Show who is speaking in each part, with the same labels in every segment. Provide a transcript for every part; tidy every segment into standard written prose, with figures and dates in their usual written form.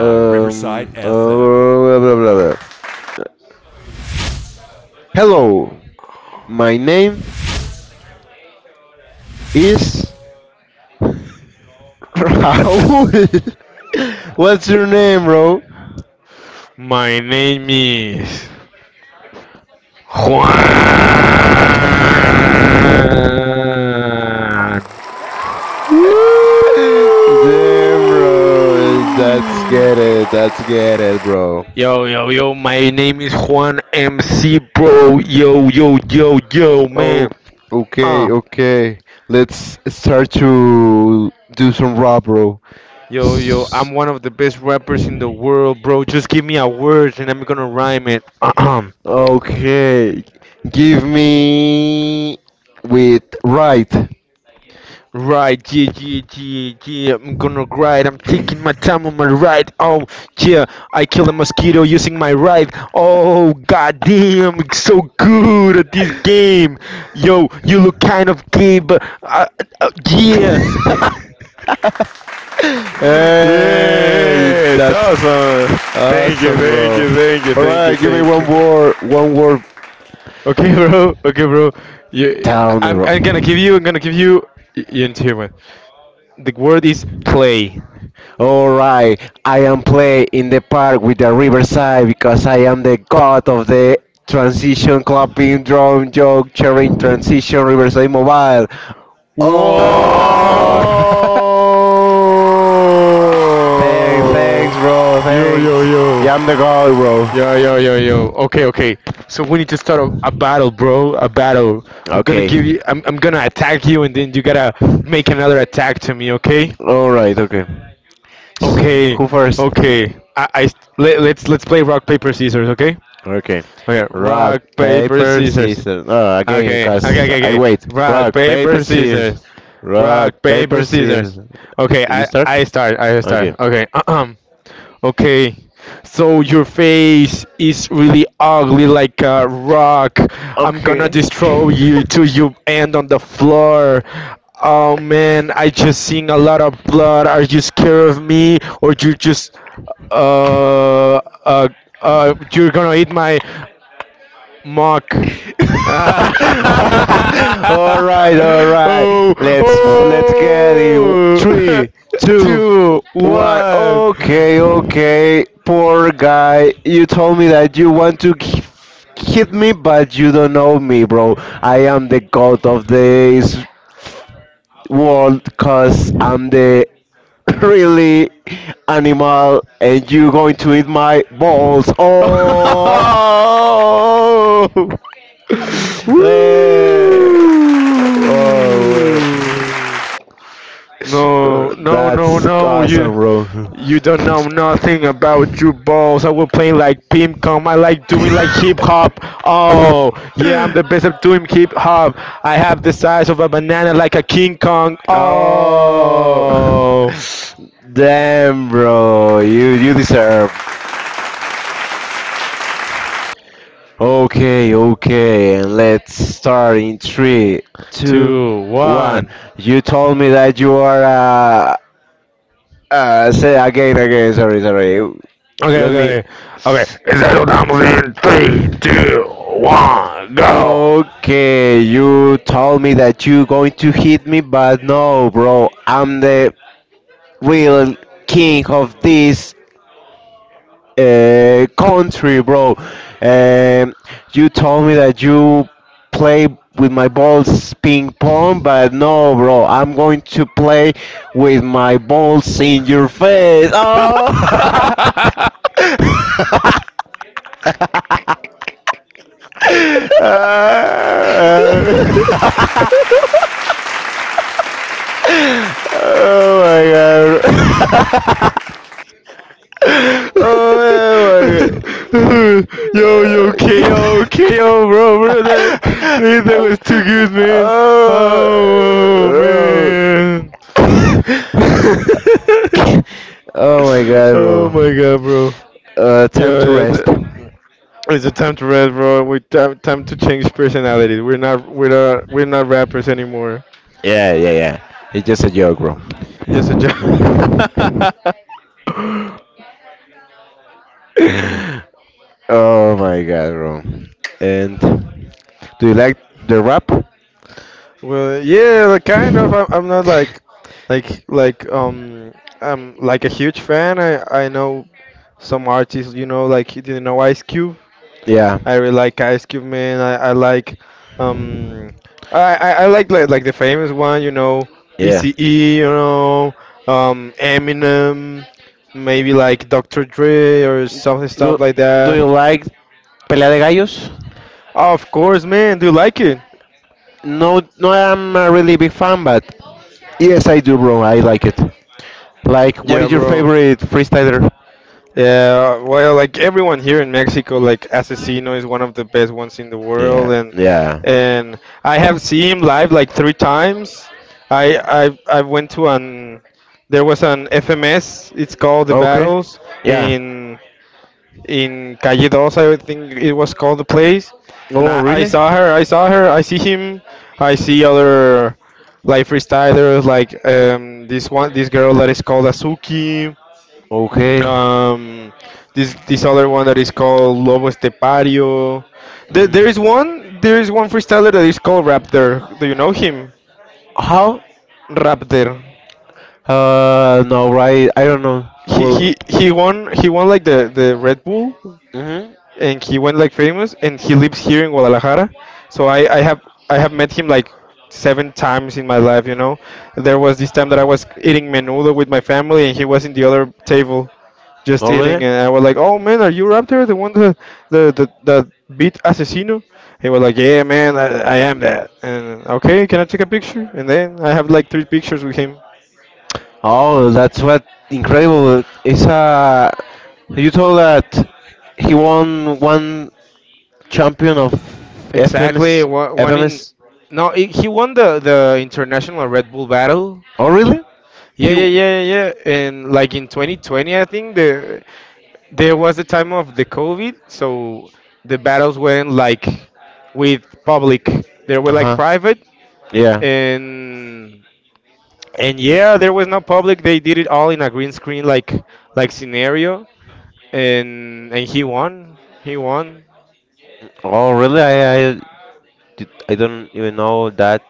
Speaker 1: Blah, blah, blah, blah. Hello, my name is Raul. What's your name, bro? Damn, bro. That's get it. That's get it, bro. Oh, okay, okay. Let's start to do some rap, bro. Man, okay, give me with right. Uh, yeah. Hey, awesome, bro. All right, give me one more, one word down, I bro. Alright, I am play in the park with the Riverside because I am the god of the transition clapping drum joke cheering transition Riverside mobile. Oh, thanks, thanks, bro, thanks. Yeah, I'm the god, bro. Okay. Alright, okay. So, who first? Okay. Rock, paper, scissors. No, no, again, because I wait. Rock, paper, scissors. Rock, paper, scissors. You start? Okay. Okay. All right, all right. Let's let's get it. Three, two, one. Okay, okay. Poor guy, you told me that you want to hit me, but you don't know me, bro. I am the god of this world, cause I'm the really animal, and you going to eat my balls. Oh. Hey! Oh, that's awesome, bro. Oh, damn, bro, you deserve. Okay, okay, and let's start in three, two, one. You told me that you are say again, again. Sorry, sorry. Let me. Okay, you told me that you going to hit me, but no, bro. I'm the real king of this country, bro. Um, you told me that you play with my balls ping pong, but no, bro. I'm going to play with my balls in your face. Oh. Uh, oh my god. Oh my god. Oh, oh my god, bro. Time to rest. Yeah, yeah, yeah. It's just a joke, bro. Oh my god, bro. And do you like the rap? Yeah. Yeah. Do do you like Pelea de Gallos? No, no, I'm a really big fan, but yes, I do, bro. I like it. Like, what is your favorite freestyler? Yeah. Oh, really? Okay. Mm. How? No, right? I don't know. Well, hmm. Oh, really? Oh, that's what incredible! It's a you told that he won one champion of FMS. FMS. Oh, really? He. Uh huh. Yeah. Oh, really? I don't even know that.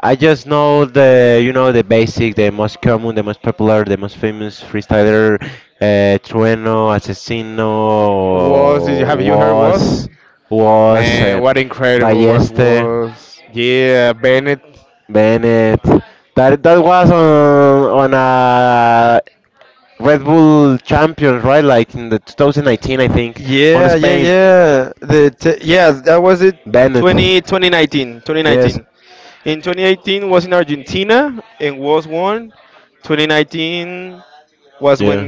Speaker 1: I just know the you know the basic, the most common, the most popular, the most famous freestyler, Trueno, Asesino, was was Balleste, Bennett. That was on a Red Bull champions, right? Like in the 2019, I think, on Spain. Bennett. Yes. Yeah.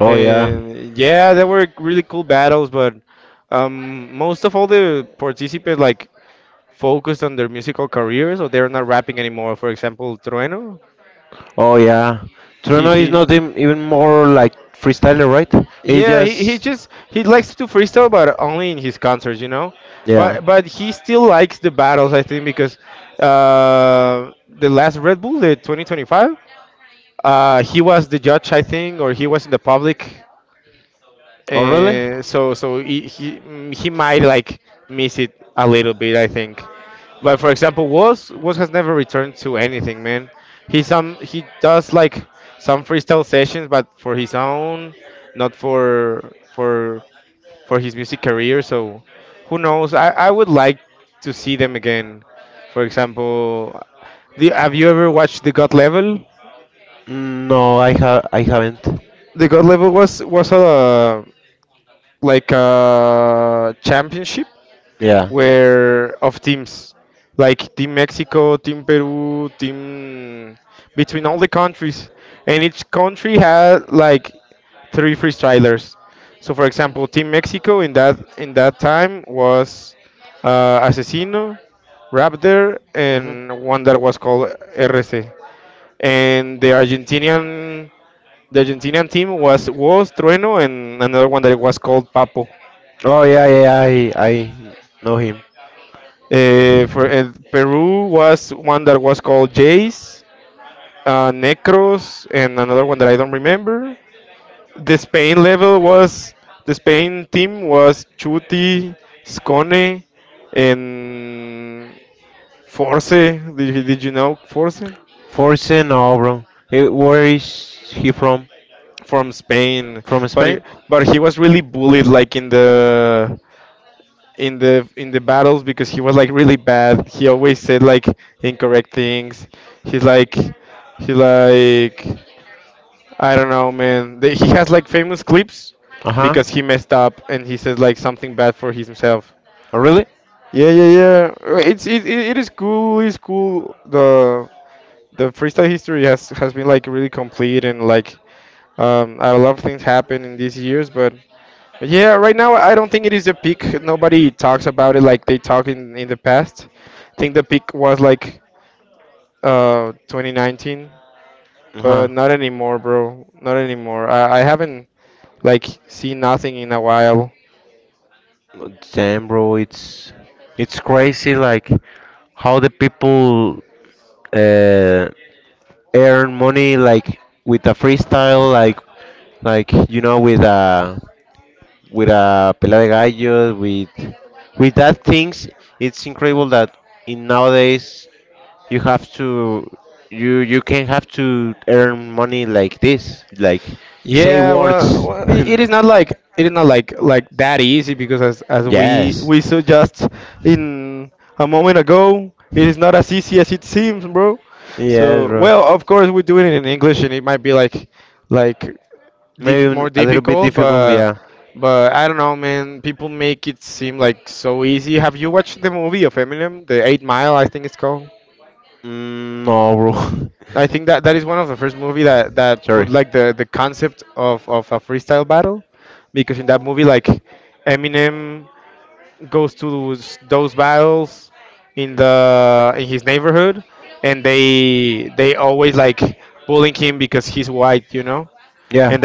Speaker 1: Oh yeah. Oh yeah, Toronto is not even more like freestyler, right? He just yeah. Oh, really? No, I have I haven't. Oh yeah, yeah, yeah, I know him. Forse no, bro. He, where is he from? From Spain? Uh Oh really? Damn, bro, it's crazy like how the people uh earn money like with a freestyle, like you know with a pela de gallos, with that things. It's incredible that in nowadays you have to you can have to earn money like this, like say words. And yes. Yes, bro. Maybe a little bit difficult, yeah. Mm, no, bro. Sorry. Yeah.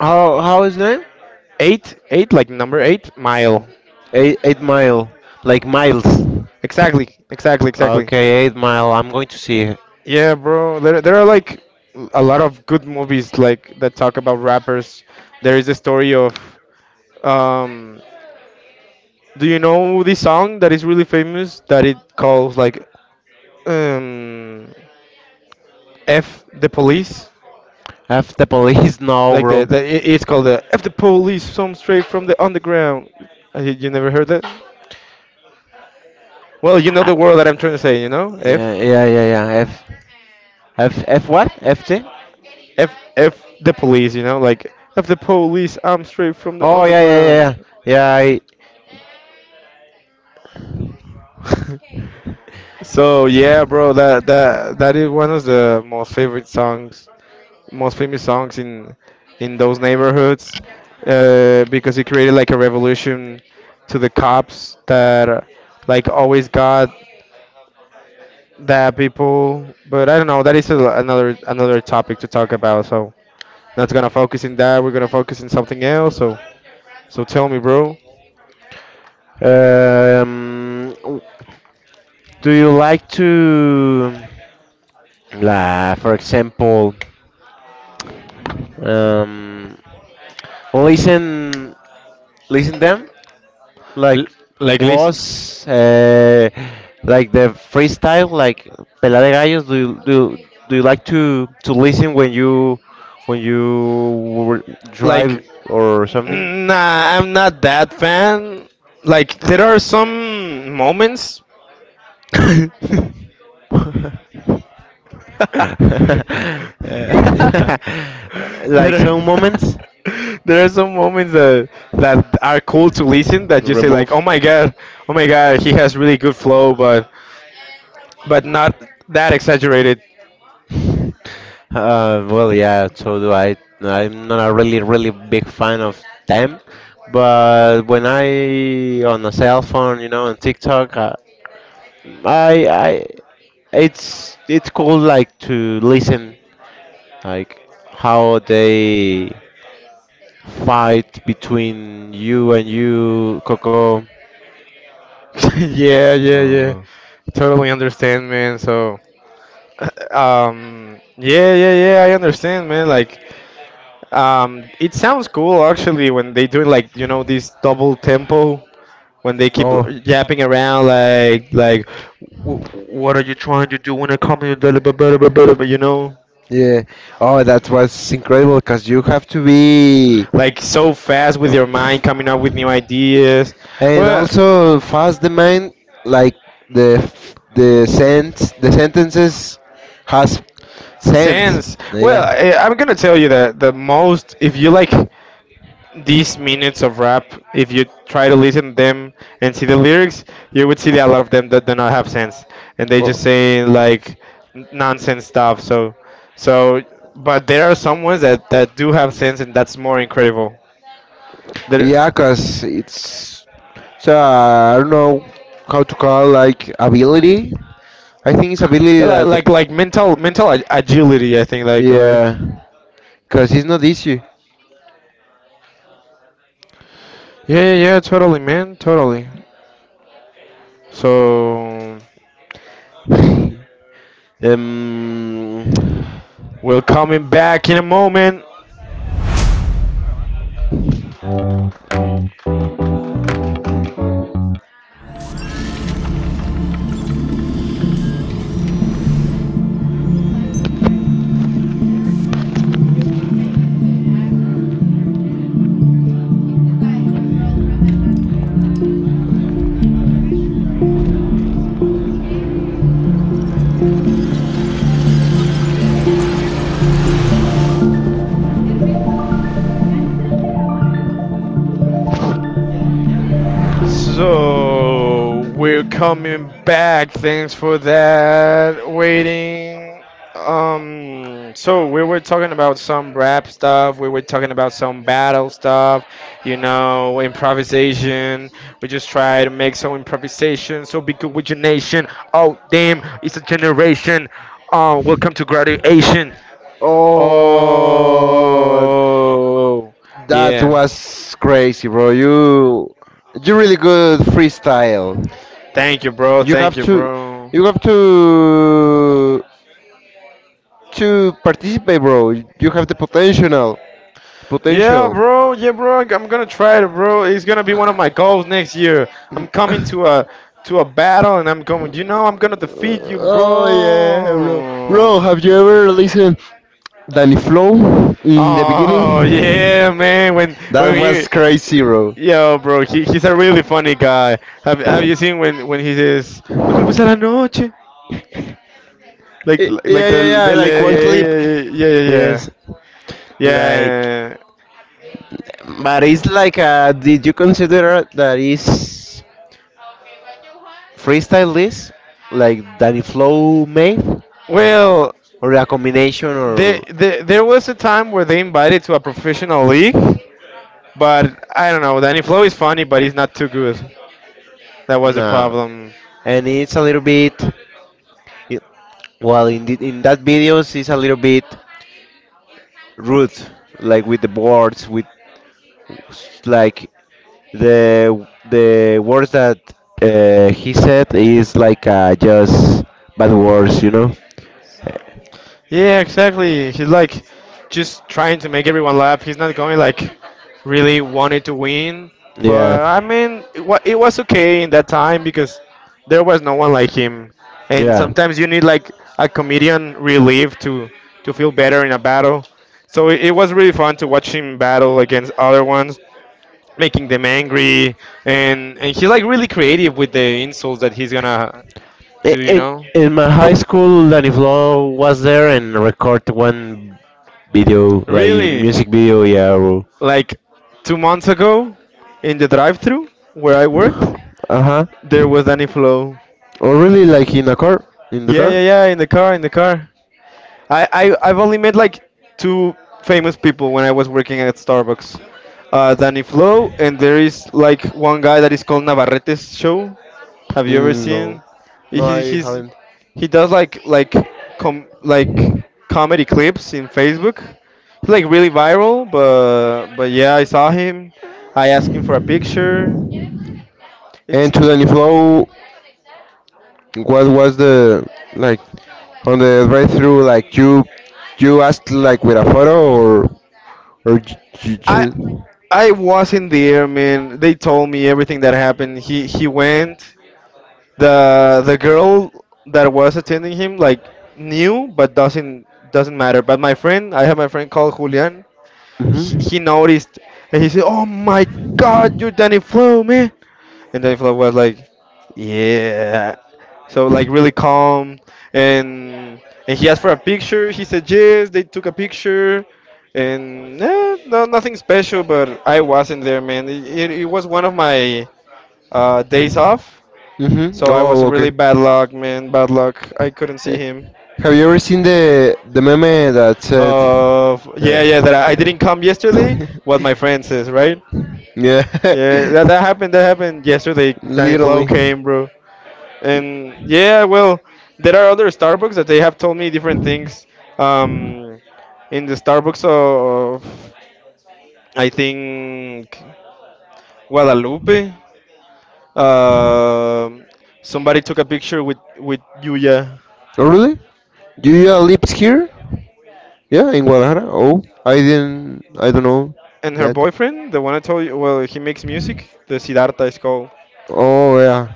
Speaker 1: How is name? Eight mile, like miles. Okay, 8 Mile. I'm going to see it. F the police, no, bro. Uh, Yeah, yeah, yeah, yeah. F F F what? FT? Oh yeah yeah yeah yeah. Yeah. Do you like to, la, for example, um, listen listen them? Like was like the freestyle like Pela de Gallos do you, do you like to listen when you when drive or something? Uh, like some moments remove. Well, yeah, so do I. I'm not a really, really big fan of them, but when I on a cell phone, you know, on TikTok, I, I, it's cool like to listen like how they fight between you and you, Coco. Uh, Oh, yeah. Oh, that was incredible because you have to be. And also fast the mind, like the sense, the sentences has sense. Yeah, cause it's so I don't know how to call like ability. I think it's ability. Yeah, that word. Yeah, cause it's not easy. Um, oh, that was crazy, bro. You really good freestyle. You have to, you have to participate, bro. You have the potential, potential. Oh yeah, bro. Bro, have you ever listened? Danny Flow in the beginning. That was crazy, bro. Yeah, yeah, yeah. Like one clip. Yes, like, but it's like, did you consider that is freestyle this, like Danny Flow made, or a combination, or nah? And it's a little bit, it, well, in that videos, it's a little bit rude, like with the words, like the words that he said is like just bad words, you know? Yeah, yeah, I- In, in my high school, Daniflo was there and record one video, like music video, yeah. Or, uh-huh. Or really, like in the car? In the car? Mm, no, no, I haven't. And to Daniflo, what was the like on the drive-through? Like you asked like with a photo or you, hmm. Mm-hmm. Oh, okay. Eh, have you ever seen the meme that said? uh, yeah. Literally. Oh, really? Do you live here? Yeah, in Guadalajara. Oh, I didn't. I don't know that. Oh yeah.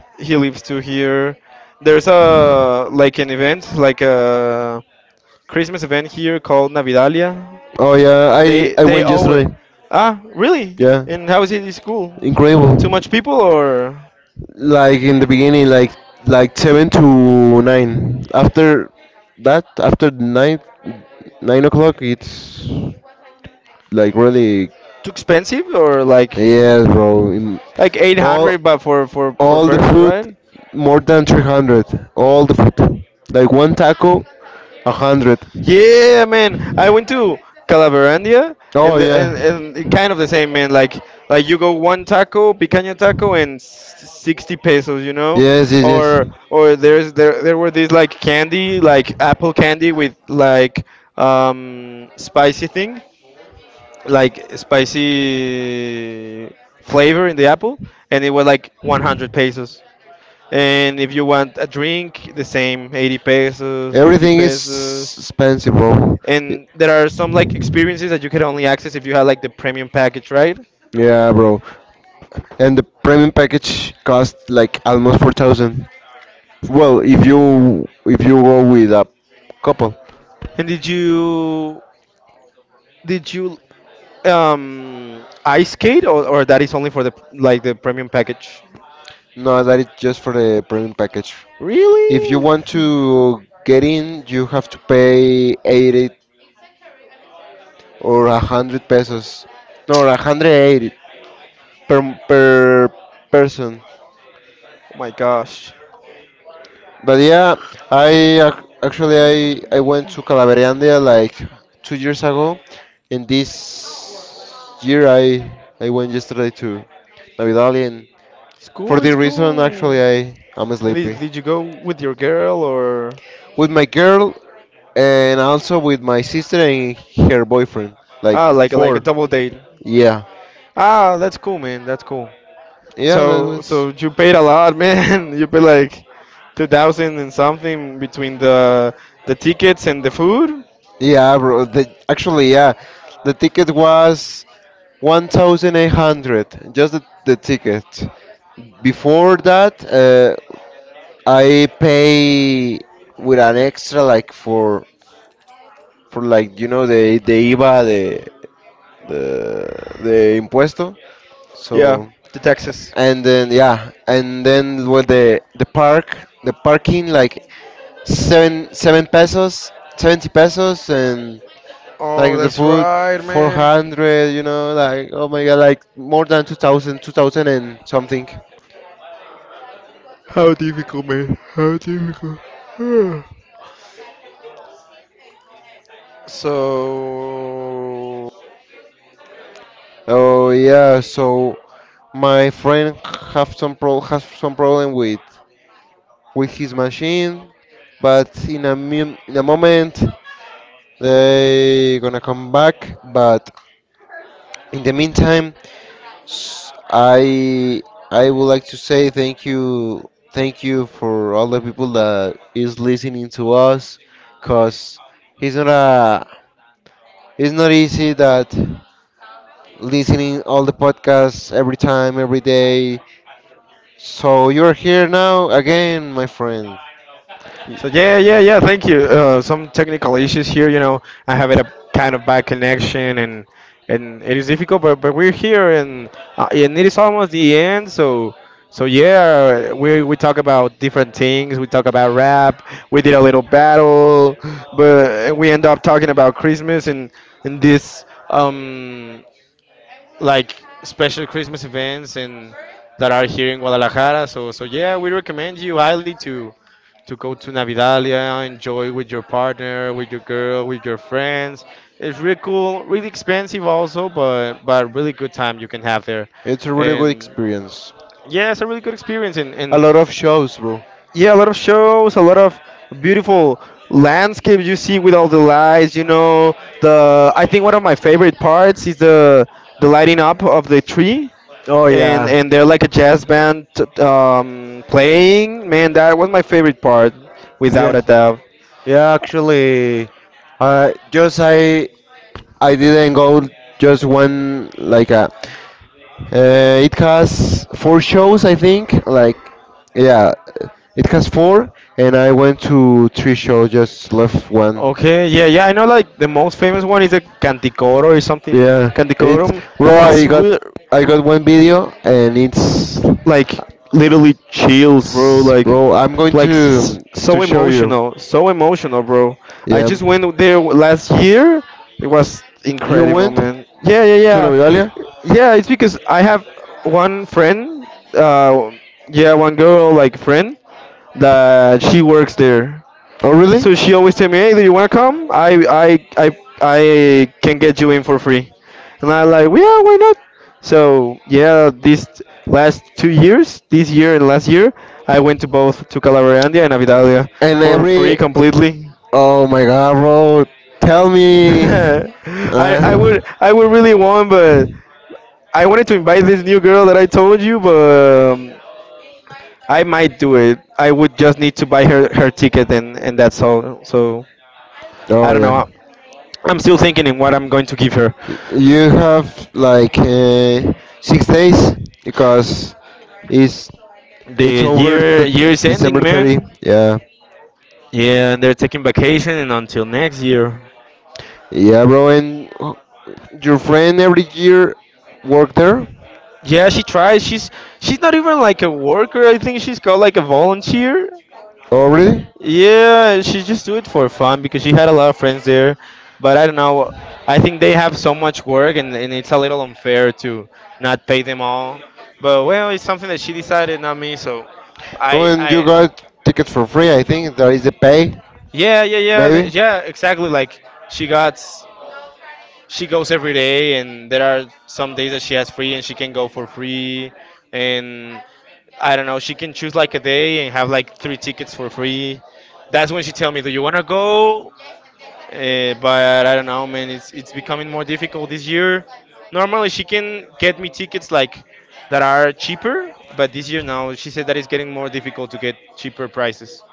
Speaker 1: Oh yeah, I went yesterday. Yeah, incredible. Too. Like in the beginning, like 7 to 9. After that, after nine o'clock, it's like really yes, bro. Eight. All the food more than 300. All the food, like one taco, 100. Oh yeah. Everything is 90 pesos expensive, bro. Yeah, bro. And the premium package cost like almost 4,000. Well, if you go with a couple, no, that is just for the premium package. If you want to get in, you have to pay 80 or 100 pesos, no, 180 per per person. But yeah, actually I went to Calaveriandia like 2 years ago, and this year I went yesterday to Navidad. And for the reason, actually, I am sleepy. With my girl and also with my sister and her boyfriend. Like four. Yeah. Yeah, that was. Yeah, bro. The, actually, yeah. The ticket was 1,800. Just the ticket. Before that, I pay with an extra like for like you know the IVA the the impuesto. So and then yeah, and then with the park the parking like 7 pesos, 70 pesos, and like the food 400. You know like oh my god like more than 2000 and something. Oh yeah, so my friend have some pro has some problem with his machine, but in a, in a moment they gonna come back. But in the meantime, s- I I would like to say thank you for all the people that is listening to us, cause it's not a it's not easy that listening all the podcasts every time every day. So you're here now again, my friend.
Speaker 2: So yeah, yeah, yeah. Thank you. Some technical issues here. You know, I have it a kind of bad connection, and it is difficult. But we're here, and it is almost the end. So yeah, we talk about different things. We talk about rap. We did a little battle, but we end up talking about Christmas and this um like special Christmas events and that are here in Guadalajara. So yeah, we recommend you highly to go to Navidalia, enjoy with your partner, with your girl, with your friends. It's really cool, really expensive also, but really good time you can have there.
Speaker 1: It's a really good
Speaker 2: And
Speaker 1: experience.
Speaker 2: yeah, it's a really good experience, and,
Speaker 1: A
Speaker 2: and
Speaker 1: lot of shows, bro.
Speaker 2: yeah, a lot of shows, a lot of beautiful landscapes you see with all the lights. The I think one of my favorite parts is the lighting up of the tree,
Speaker 1: Oh
Speaker 2: and
Speaker 1: yeah.
Speaker 2: they're like a jazz band playing. Man, that was my favorite part, without
Speaker 1: Yeah.
Speaker 2: a doubt.
Speaker 1: Yeah, actually, just I didn't go just one like a. It has four shows, I think. Like, yeah, it has four, and I went to three shows, just left one.
Speaker 2: Okay, yeah, yeah, I know like the most famous one is the Canticoro or something.
Speaker 1: Yeah, it
Speaker 2: Canticorum.
Speaker 1: bro.
Speaker 2: It's real,
Speaker 1: I got one video, and
Speaker 2: like literally chills, bro.
Speaker 1: it's-
Speaker 2: Like,
Speaker 1: bro. I'm going to show you.
Speaker 2: so emotional, bro. I
Speaker 1: Yeah.
Speaker 2: just went there w- last year. It was
Speaker 1: You
Speaker 2: incredible,
Speaker 1: went
Speaker 2: man. Yeah, yeah,
Speaker 1: to
Speaker 2: yeah,
Speaker 1: Navidalia?
Speaker 2: yeah. It's because I have one friend. Uh, yeah, one girl like friend that she works there.
Speaker 1: Oh, really?
Speaker 2: So she always tell me, "Hey, do you wanna come? I can get you in for free." And I like, "Well, "Yeah, why not?" So yeah, this last two years, this year and last year, I went to both to Calabrandia and Avidalia
Speaker 1: And
Speaker 2: for free
Speaker 1: every.
Speaker 2: completely.
Speaker 1: Oh my god, bro. Tell me.
Speaker 2: I I
Speaker 1: Uh,
Speaker 2: would I would really want, but I wanted to invite this new girl that I told you, but um, I might do it. I would just need to buy her ticket and that's all. So I
Speaker 1: oh,
Speaker 2: don't
Speaker 1: yeah.
Speaker 2: know. I'm still thinking in what I'm going to give her.
Speaker 1: You have like 6 days because it's it's
Speaker 2: The
Speaker 1: over
Speaker 2: year year is
Speaker 1: December
Speaker 2: ending,
Speaker 1: 30.
Speaker 2: man.
Speaker 1: Yeah.
Speaker 2: Yeah, and they're taking vacation and until next year.
Speaker 1: Yeah, bro. And your friend every year work there?
Speaker 2: Yeah, she tries. She's not even like a worker. I think she's called like a volunteer.
Speaker 1: Oh, really?
Speaker 2: Yeah, she just do it for fun because she had a lot of friends there. But I don't know. I think they have so much work, and it's a little unfair to not pay them all. But well, it's something that she decided, not me. I,
Speaker 1: When you
Speaker 2: I,
Speaker 1: got tickets for free, I think there is a pay,
Speaker 2: yeah, yeah, yeah,
Speaker 1: maybe.
Speaker 2: yeah, exactly. She got, she goes every day, and there are some days that she has free, and she can go for free. And I don't know, she can choose like a day and have like three tickets for free. That's when she tell me, "Do you wanna go?" But I don't know, man. It's becoming more difficult this year. Normally, she can get me tickets like that are cheaper, but this year now she said that it's getting more difficult to get cheaper prices.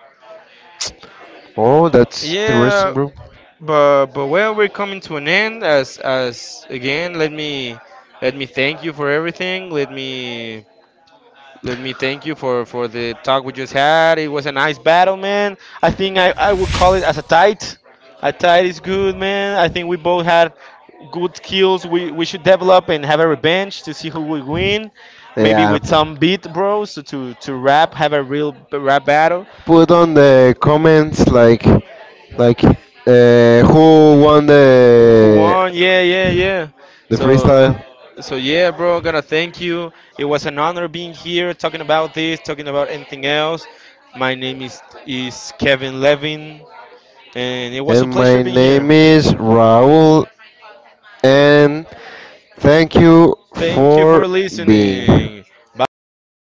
Speaker 1: Oh, that's interesting,
Speaker 2: Yeah,
Speaker 1: bro.
Speaker 2: but well, we're coming to an end. As again, let me thank you for everything. Let me thank you for the talk we just had. It was a nice battle, man. I think I would call it as a tight. A tight is good, man. I think we both had good skills. We should develop and have a revenge to see who will win. Maybe
Speaker 1: Yeah.
Speaker 2: with some beat bros to rap, have a real rap battle.
Speaker 1: Put on the comments like, who won
Speaker 2: Who won? Yeah, yeah, yeah.
Speaker 1: the
Speaker 2: So,
Speaker 1: freestyle?
Speaker 2: so yeah, bro. Gotta thank you. It was an honor being here, talking about this, talking about anything else. My name is Kevin Levin, and it was a
Speaker 1: And
Speaker 2: pleasure
Speaker 1: my
Speaker 2: being here.
Speaker 1: name is Raul, and thank you
Speaker 2: Thank you
Speaker 1: for
Speaker 2: for
Speaker 1: being.
Speaker 2: listening. Bye bye.